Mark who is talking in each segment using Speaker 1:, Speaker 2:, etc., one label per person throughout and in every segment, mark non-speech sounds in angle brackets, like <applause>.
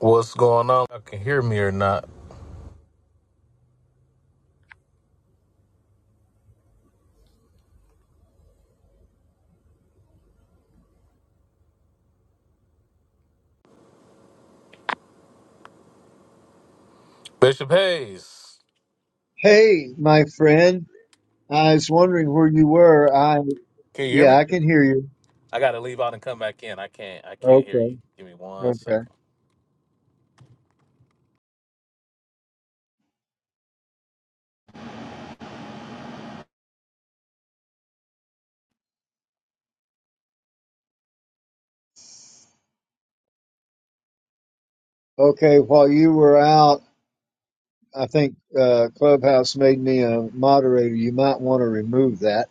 Speaker 1: What's going on? I can hear me or not? Bishop Hayes,
Speaker 2: Hey, my friend. I was wondering where you were. I,
Speaker 1: can you hear
Speaker 2: yeah,
Speaker 1: me?
Speaker 2: I can hear you.
Speaker 1: I gotta leave out and come back in. I can't. I can't hear
Speaker 2: Okay.
Speaker 1: you. Give me one
Speaker 2: Okay.
Speaker 1: second.
Speaker 2: Okay. While you were out, I think uh, Clubhouse made me a moderator. You might want to remove that.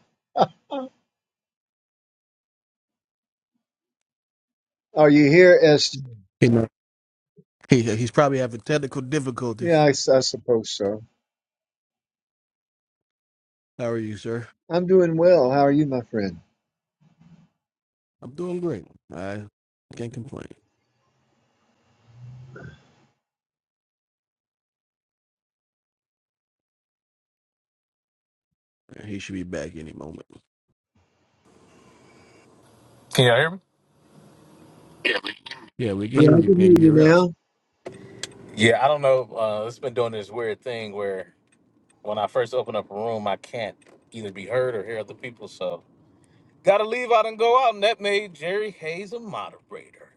Speaker 2: Are you here, Esther?
Speaker 3: You know, he he's probably having technical
Speaker 2: Yeah,
Speaker 3: difficulties.
Speaker 2: I, s- I suppose so.
Speaker 3: How are you, sir?
Speaker 2: I'm doing well. How are you, my friend?
Speaker 3: I'm doing great. I can't complain. He should be back any moment.
Speaker 1: Can y'all hear me?
Speaker 3: Yeah, we can
Speaker 2: Yeah,
Speaker 3: hear
Speaker 2: I
Speaker 3: you.
Speaker 2: can hear
Speaker 3: Can you
Speaker 2: you
Speaker 3: hear us?
Speaker 2: now.
Speaker 1: Yeah, I don't know. Uh, it's been doing this weird thing where when I first open up a room, I can't either be heard or hear other people. So gotta leave out and go out, and that made Jerry Hayes a moderator.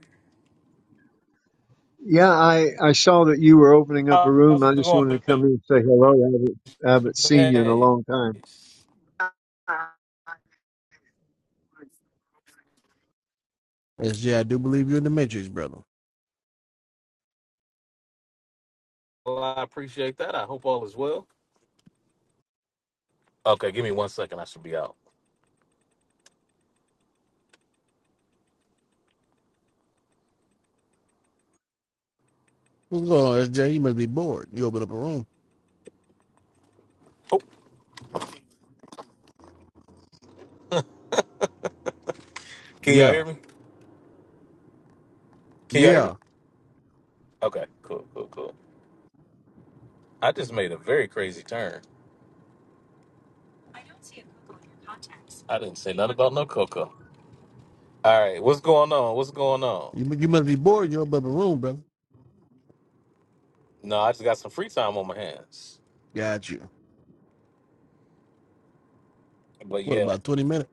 Speaker 2: Yeah, I, I saw that you were opening up a
Speaker 1: How's
Speaker 2: room. I
Speaker 1: it
Speaker 2: just
Speaker 1: going,
Speaker 2: wanted to come
Speaker 1: Bishop
Speaker 2: in and say hello. I haven't, I haven't seen you in a long time.
Speaker 1: Hayes?
Speaker 3: S J, I do believe you're in the Matrix, brother.
Speaker 1: Well, I appreciate that. I hope all is well. Okay, give me one second. I should be out.
Speaker 3: What's going on, SJ? You must be bored. You open up a room.
Speaker 1: Oh, Can y'all
Speaker 3: Yeah,
Speaker 1: hear me? Can y'all hear me?
Speaker 3: yeah.
Speaker 1: Okay, cool, cool, cool. I just made a very crazy turn. I didn't say nothing about no cocoa. All right, what's going on? What's going on?
Speaker 3: You mu- you must be bored. You open up a room, brother.
Speaker 1: No, I just got some free time on my hands.
Speaker 3: Got you.
Speaker 1: But
Speaker 3: What
Speaker 1: yeah,
Speaker 3: about twenty minutes?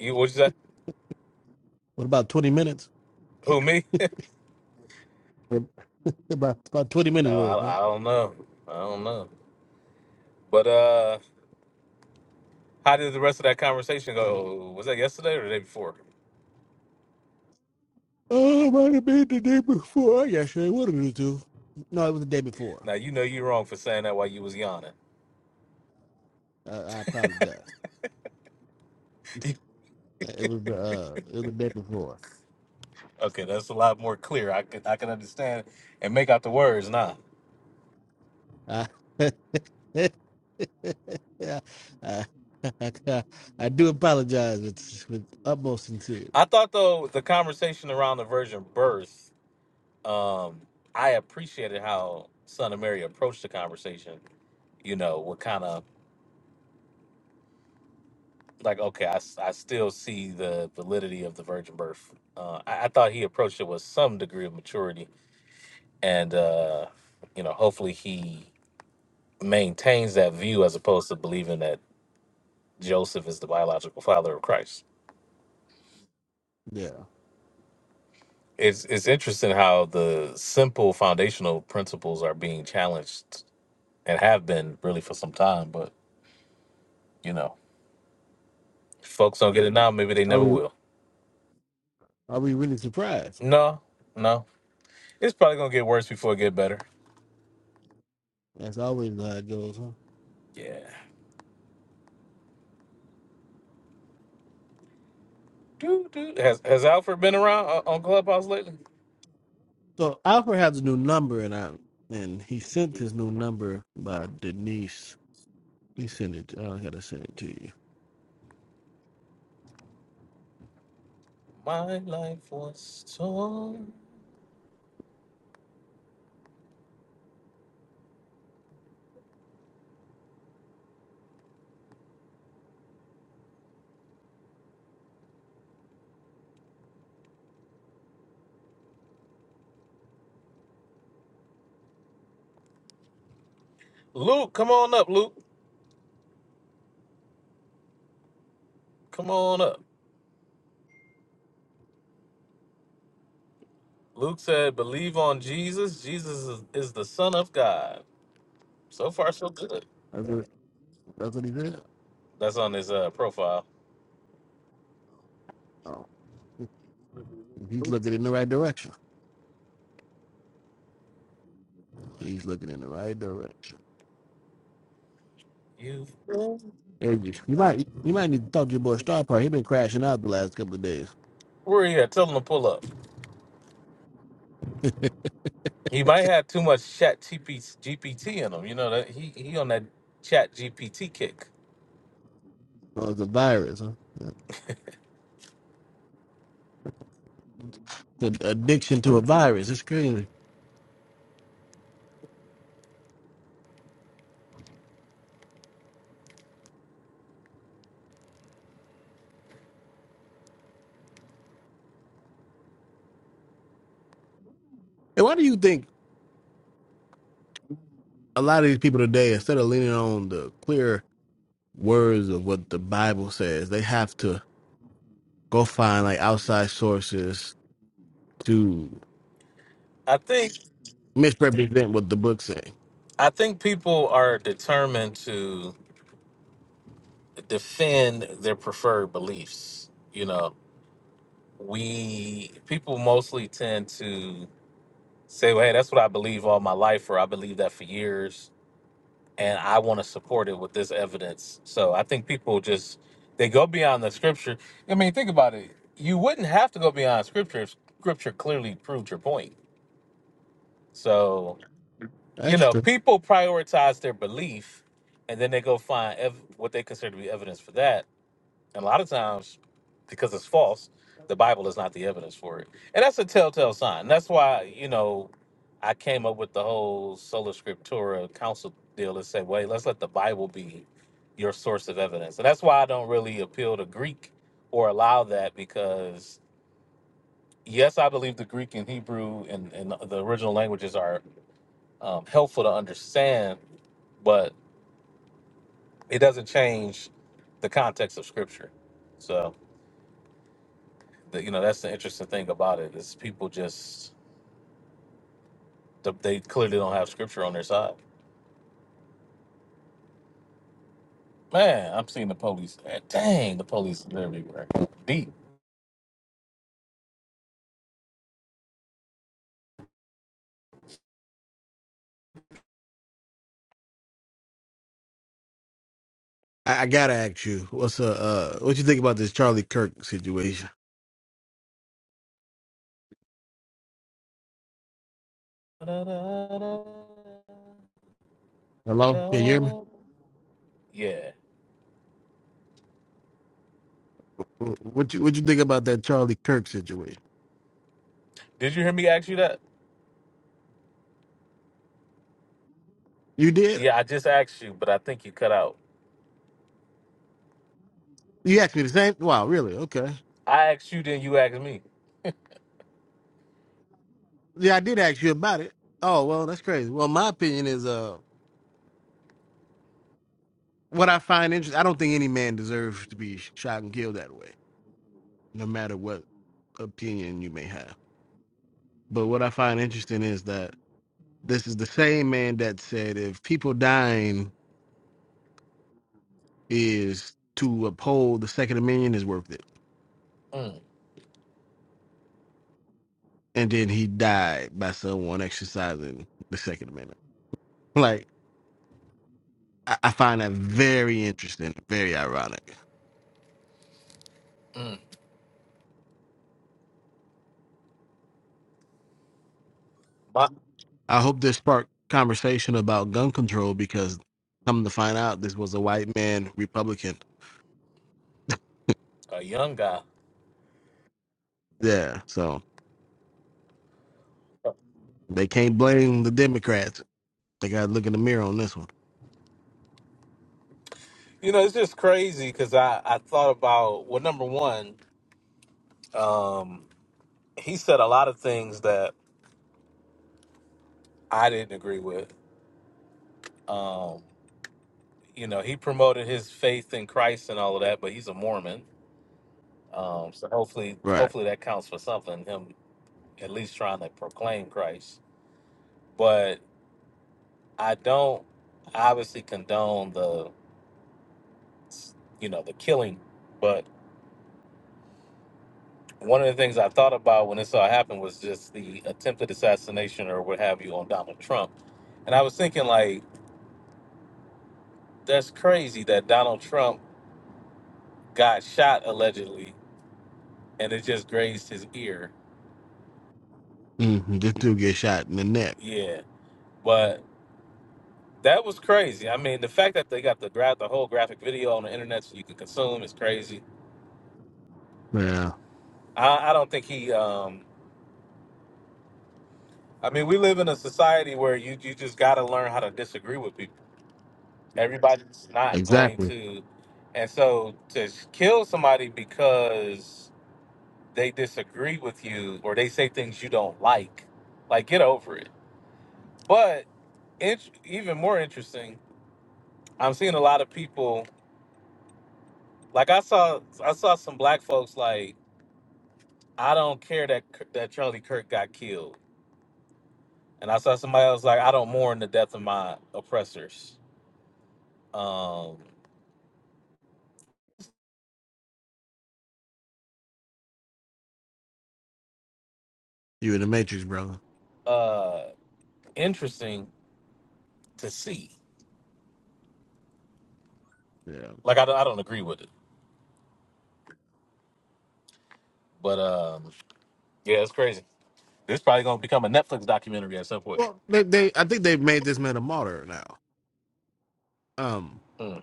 Speaker 1: you what you say?
Speaker 3: What about twenty minutes?
Speaker 1: Who me? <laughs>
Speaker 3: About about twenty minutes
Speaker 1: Uh,
Speaker 3: worth, huh?
Speaker 1: I, I don't know. I don't know. But uh, how did the rest of that conversation go? Was that yesterday or the day before?
Speaker 3: Oh, it might have been the day before. I guess I wanted to. do. No, it was the day before.
Speaker 1: Now you know you're wrong for saying that while you was yawning.
Speaker 3: I, I apologize.
Speaker 1: <laughs>
Speaker 3: It was the uh, it was the day before.
Speaker 1: okay, that's a lot more clear. I can I can understand and make out the words now.
Speaker 3: I, <laughs> I, I, I do apologize with, with utmost sincerity.
Speaker 1: I thought though the conversation around the virgin birth, um, I appreciated how Son of Mary approached the conversation. You know, what kind of like okay, I, s- I still see the validity of the virgin birth. Uh, I, I thought he approached it with some degree of maturity, and uh, you know, hopefully he maintains that view as opposed to believing that Joseph is the biological father of Christ.
Speaker 3: Yeah.
Speaker 1: It's it's interesting how the simple foundational principles are being challenged and have been really for some time. But you know, if folks don't get it now. Maybe they
Speaker 3: Are
Speaker 1: never
Speaker 3: we
Speaker 1: will.
Speaker 3: are we really surprised?
Speaker 1: No, no, it's probably gonna get worse before it get better.
Speaker 3: That's always how it goes. Huh?
Speaker 1: Yeah. Dude, dude, has has Alfred been around uh, on Clubhouse lately?
Speaker 3: So Alfred has a new number, and I and he sent his new number by Denise. He sent it. I gotta send it to you.
Speaker 1: My life was torn. Luke, come on up, Luke. Come on up. Luke said, "Believe on Jesus. Jesus is, is the Son of God." So far, so good.
Speaker 3: That's what, that's what he did.
Speaker 1: That's on his uh, profile.
Speaker 3: Oh, he's looking in the right direction. He's looking in the right direction.
Speaker 1: You,
Speaker 3: Hey, You might you might need to talk to your boy Star Power. He been crashing out the last couple of days.
Speaker 1: where are you at? Tell him to pull up.
Speaker 3: <laughs>
Speaker 1: He might have too much Chat GPT in him. You know that he he on that Chat GPT kick.
Speaker 3: Oh, it's a virus, huh? It's an addiction to a virus. It's crazy. And why do you think a lot of these people today, instead of leaning on the clear words of what the Bible says, they have to go find like outside sources to
Speaker 1: I think
Speaker 3: misrepresent what the book's saying?
Speaker 1: I think people are determined to defend their preferred beliefs. You know, we people mostly tend to say, "Well, hey, that's what I believe all my life, or I believe that for years, and I want to support it with this evidence." So I think people just they go beyond the scripture. I mean, think about it. You wouldn't have to go beyond scripture if scripture clearly proved your point So, you
Speaker 3: That's
Speaker 1: know,
Speaker 3: true.
Speaker 1: people prioritize their belief and then they go find ev- what they consider to be evidence for that. And a lot of times, because it's false, the Bible is not the evidence for it. And that's a telltale sign. That's why, you know, I came up with the whole sola scriptura council deal to say, wait, let's let the Bible be your source of evidence. And that's why I don't really appeal to Greek or allow that because, yes, I believe the Greek and Hebrew and, and the original languages are um, helpful to understand, but it doesn't change the context of Scripture. So, the, you know, that's the interesting thing about it is people just th- they clearly don't have Scripture on their side. Man, I'm seeing the police. eh, Dang, the police are everywhere. Deep.
Speaker 3: I, I gotta ask you, what's uh, uh what you think about this Charlie Kirk situation? Hello, can you hear me?
Speaker 1: Yeah.
Speaker 3: What you what you think about that Charlie Kirk situation?
Speaker 1: Did you hear me ask you that?
Speaker 3: You did?
Speaker 1: Yeah, I just asked you, but I think you cut out.
Speaker 3: You asked me the same. Wow, really? Okay.
Speaker 1: I asked you, then you asked me.
Speaker 3: Yeah, I did ask you about it. Oh well, that's crazy. Well, my opinion is uh, what I find interesting. I don't think any man deserves to be shot and killed that way, no matter what opinion you may have. But what I find interesting is that this is the same man that said if people dying is to uphold the Second Amendment is worth it,
Speaker 1: Mm,
Speaker 3: and then he died by someone exercising the Second Amendment. Like I, I find that very interesting, very ironic.
Speaker 1: mm. My,
Speaker 3: I hope this sparked conversation about gun control because come to find out this was a white man Republican.
Speaker 1: a young guy.
Speaker 3: Yeah, so they can't blame the Democrats. They got to look in the mirror on this one.
Speaker 1: You know, it's just crazy because I, I thought about, well, number one, um, he said a lot of things that I didn't agree with. Um, you know, he promoted his faith in Christ and all of that, but he's a Mormon. Um, so hopefully,
Speaker 3: Right.
Speaker 1: hopefully that counts for something, him at least trying to proclaim Christ. But I don't obviously condone the, you know, the killing, but. one of the things I thought about when this all happened was just the attempted assassination or what have you on Donald Trump. And I was thinking, like, that's crazy that Donald Trump got shot allegedly and it just grazed his ear.
Speaker 3: hmm This dude get shot in the neck.
Speaker 1: Yeah. But that was crazy. I mean, the fact that they got the gra- the whole graphic video on the internet so you can consume is crazy.
Speaker 3: Yeah,
Speaker 1: I, I don't think he, um, I mean, we live in a society where you, you just got to learn how to disagree with people Everybody's not going
Speaker 3: exactly.
Speaker 1: to. And so to s- kill somebody because they disagree with you or they say things you don't like, like get over it. But int- even more interesting, I'm seeing a lot of people like I saw I saw some black folks like I don't care that K- that Charlie Kirk got killed. And I saw somebody else like I don't mourn the death of my oppressors. Um
Speaker 3: You in the Matrix, brother.
Speaker 1: uh interesting to see.
Speaker 3: Yeah.
Speaker 1: Like I don't, I don't agree with it. But um, Yeah, it's crazy. It's probably gonna become a Netflix documentary at some point.
Speaker 3: Well, they, they I think they've made this man a martyr now. Um,
Speaker 1: Mm,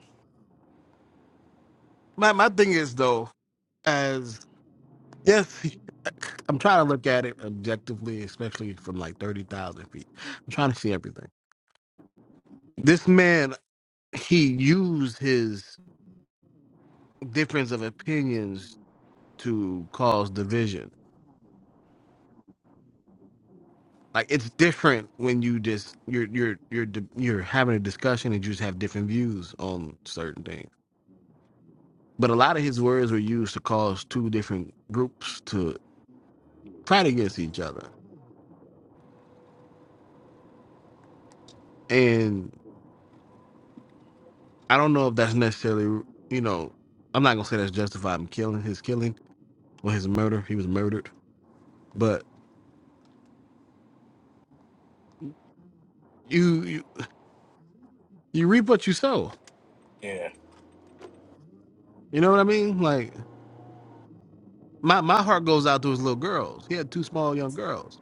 Speaker 3: my my thing is though, as yes, I'm trying to look at it objectively, especially from like thirty thousand feet. I'm trying to see everything. This man, he used his difference of opinions to cause division. Like it's different when you just you're you're you're di- you're having a discussion and you just have different views on certain things. But a lot of his words were used to cause two different groups to fight against each other. And I don't know if that's necessarily you know I'm not gonna say that's justified in killing his killing or his murder. He was murdered, but you you, you reap what you sow.
Speaker 1: yeah,
Speaker 3: You know what I mean? Like my my heart goes out to his little girls. He had two small young girls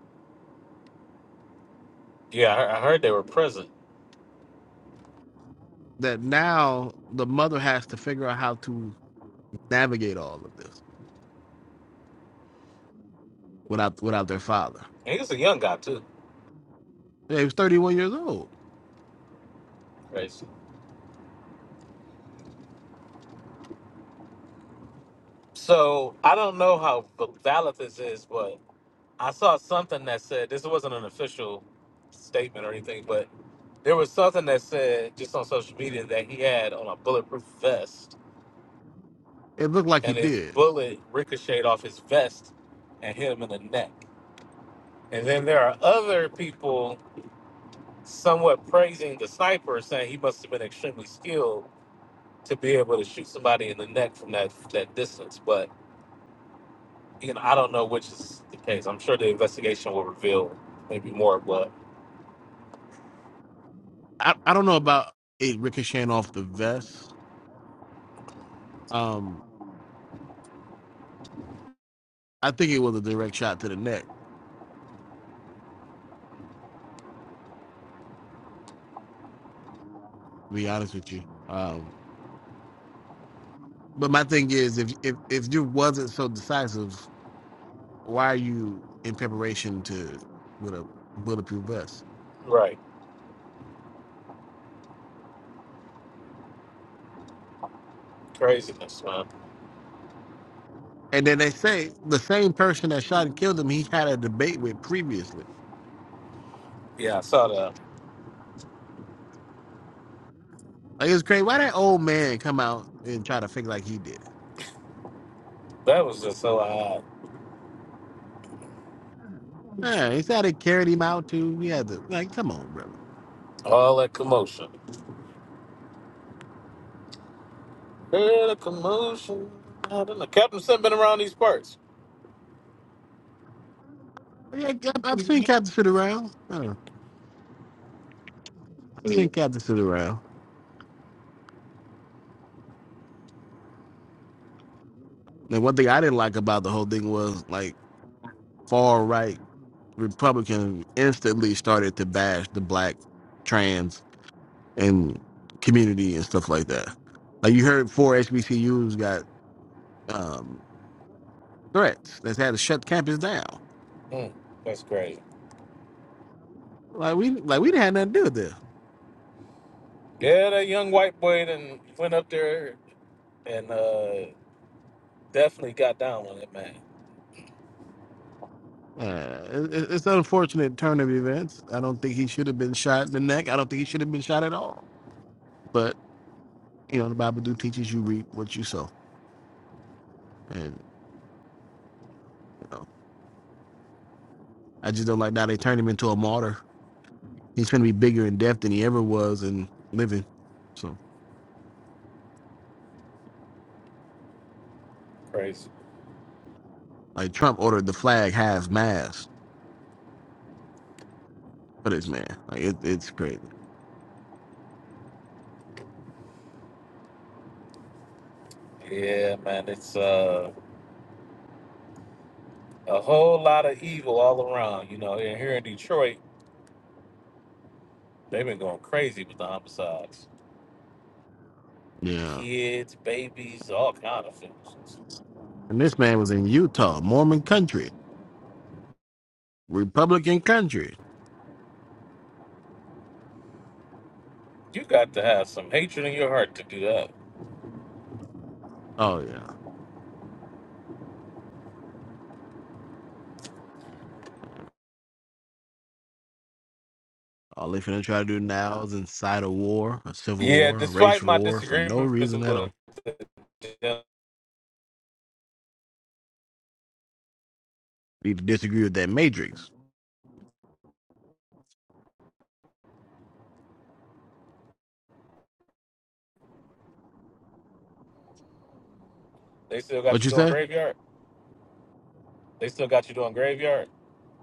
Speaker 1: yeah. I, heard- I heard they were present.
Speaker 3: that now the mother has to figure out how to navigate all of this without without their father.
Speaker 1: And he was a young guy too.
Speaker 3: Yeah, he was 31 years old.
Speaker 1: Crazy. So I don't know how valid this is, but I saw something that said this wasn't an official statement or anything, but there was something that said just on social media that he had on a bulletproof vest,
Speaker 3: It looked like he
Speaker 1: and his
Speaker 3: did.
Speaker 1: bullet ricocheted off his vest and hit him in the neck. And then there are other people somewhat praising the sniper, saying he must have been extremely skilled to be able to shoot somebody in the neck from that that distance. But you know, I don't know which is the case. I'm sure the investigation will reveal maybe more. But
Speaker 3: I, I don't know about it ricocheting off the vest. Um, I think it was a direct shot to the neck. To be honest with you. Um, but my thing is, if if if you wasn't so decisive, why are you in preparation to with a bulletproof vest?
Speaker 1: right, craziness, man.
Speaker 3: And then they say the same person that shot and killed him, he had a debate with previously.
Speaker 1: Yeah, I saw that.
Speaker 3: Like it's crazy. Why that old man come out and try to fake like he did it?
Speaker 1: That was just so odd.
Speaker 3: Man, he said they carried him out too. He had to like, come on, brother.
Speaker 1: All that commotion. Heard the commotion. I don't know. Captain Sim been around these parts.
Speaker 3: Yeah, I- I've seen Captain sit around. I don't know. I've seen
Speaker 1: Mm.
Speaker 3: Captain sit around. And one thing I didn't like about the whole thing was like far right Republicans instantly started to bash the black trans and community and stuff like that. Like you heard four HBCUs got um, threats that's had to shut campus down.
Speaker 1: Mm, that's crazy.
Speaker 3: Like we like we didn't have nothing to do with this.
Speaker 1: Yeah, that young white boy then went up there and uh, definitely got down on it, man.
Speaker 3: Uh, it, it- it's an unfortunate turn of events. I don't think he should have been shot in the neck. I don't think he should have been shot at all. But you know the Bible do teaches you reap what you sow, and you know I just don't like now they turned him into a martyr. He's going to be bigger in death than he ever was in living. So
Speaker 1: Crazy.
Speaker 3: like Trump ordered the flag half mast for this man. Like it, it's crazy.
Speaker 1: Yeah, man, it's uh, a whole lot of evil all around. You know, and here in Detroit, they've been going crazy with the homicides.
Speaker 3: Yeah,
Speaker 1: Kids, babies, all kind of things.
Speaker 3: and this man was in Utah, Mormon country, Republican country.
Speaker 1: You got to have some hatred in your heart to do that.
Speaker 3: Oh yeah. All they finna try to do now is incite a war, a civil
Speaker 1: Yeah,
Speaker 3: war, a race
Speaker 1: despite my
Speaker 3: war for no
Speaker 1: disagreements
Speaker 3: reason at all.
Speaker 1: with them,
Speaker 3: You disagree with that matrix.
Speaker 1: they still got
Speaker 3: What
Speaker 1: you
Speaker 3: you
Speaker 1: doing
Speaker 3: say?
Speaker 1: graveyard. They still got you doing graveyard.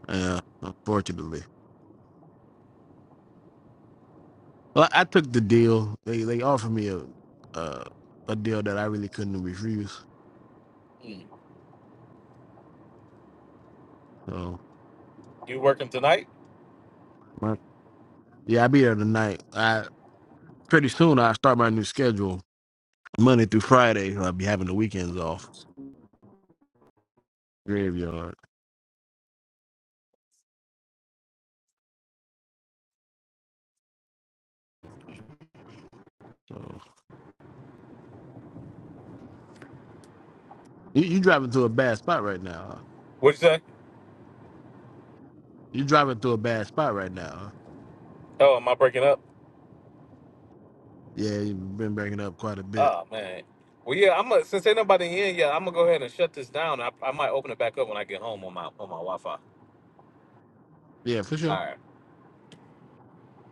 Speaker 3: Yeah, unfortunately. Well, I took the deal. They they offered me a uh, a deal that I really couldn't refuse.
Speaker 1: Mm.
Speaker 3: So
Speaker 1: You working tonight?
Speaker 3: my- yeah, I'll be there tonight. I pretty soon I start my new schedule Monday through Friday. So I'll be having the weekends off. Graveyard. So you, you driving to a bad spot right now. huh?
Speaker 1: What'd you say?
Speaker 3: You driving through a bad spot right now. huh?
Speaker 1: Oh, am I breaking up?
Speaker 3: Yeah, you've been bringing it up quite a bit.
Speaker 1: Oh man. Well, yeah. I'm gonna since ain't nobody in yet. I'm gonna go ahead and shut this down. I, I might open it back up when I get home on my on my Wi-Fi.
Speaker 3: Yeah, for
Speaker 1: All
Speaker 3: sure.
Speaker 1: right.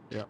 Speaker 3: Yeah.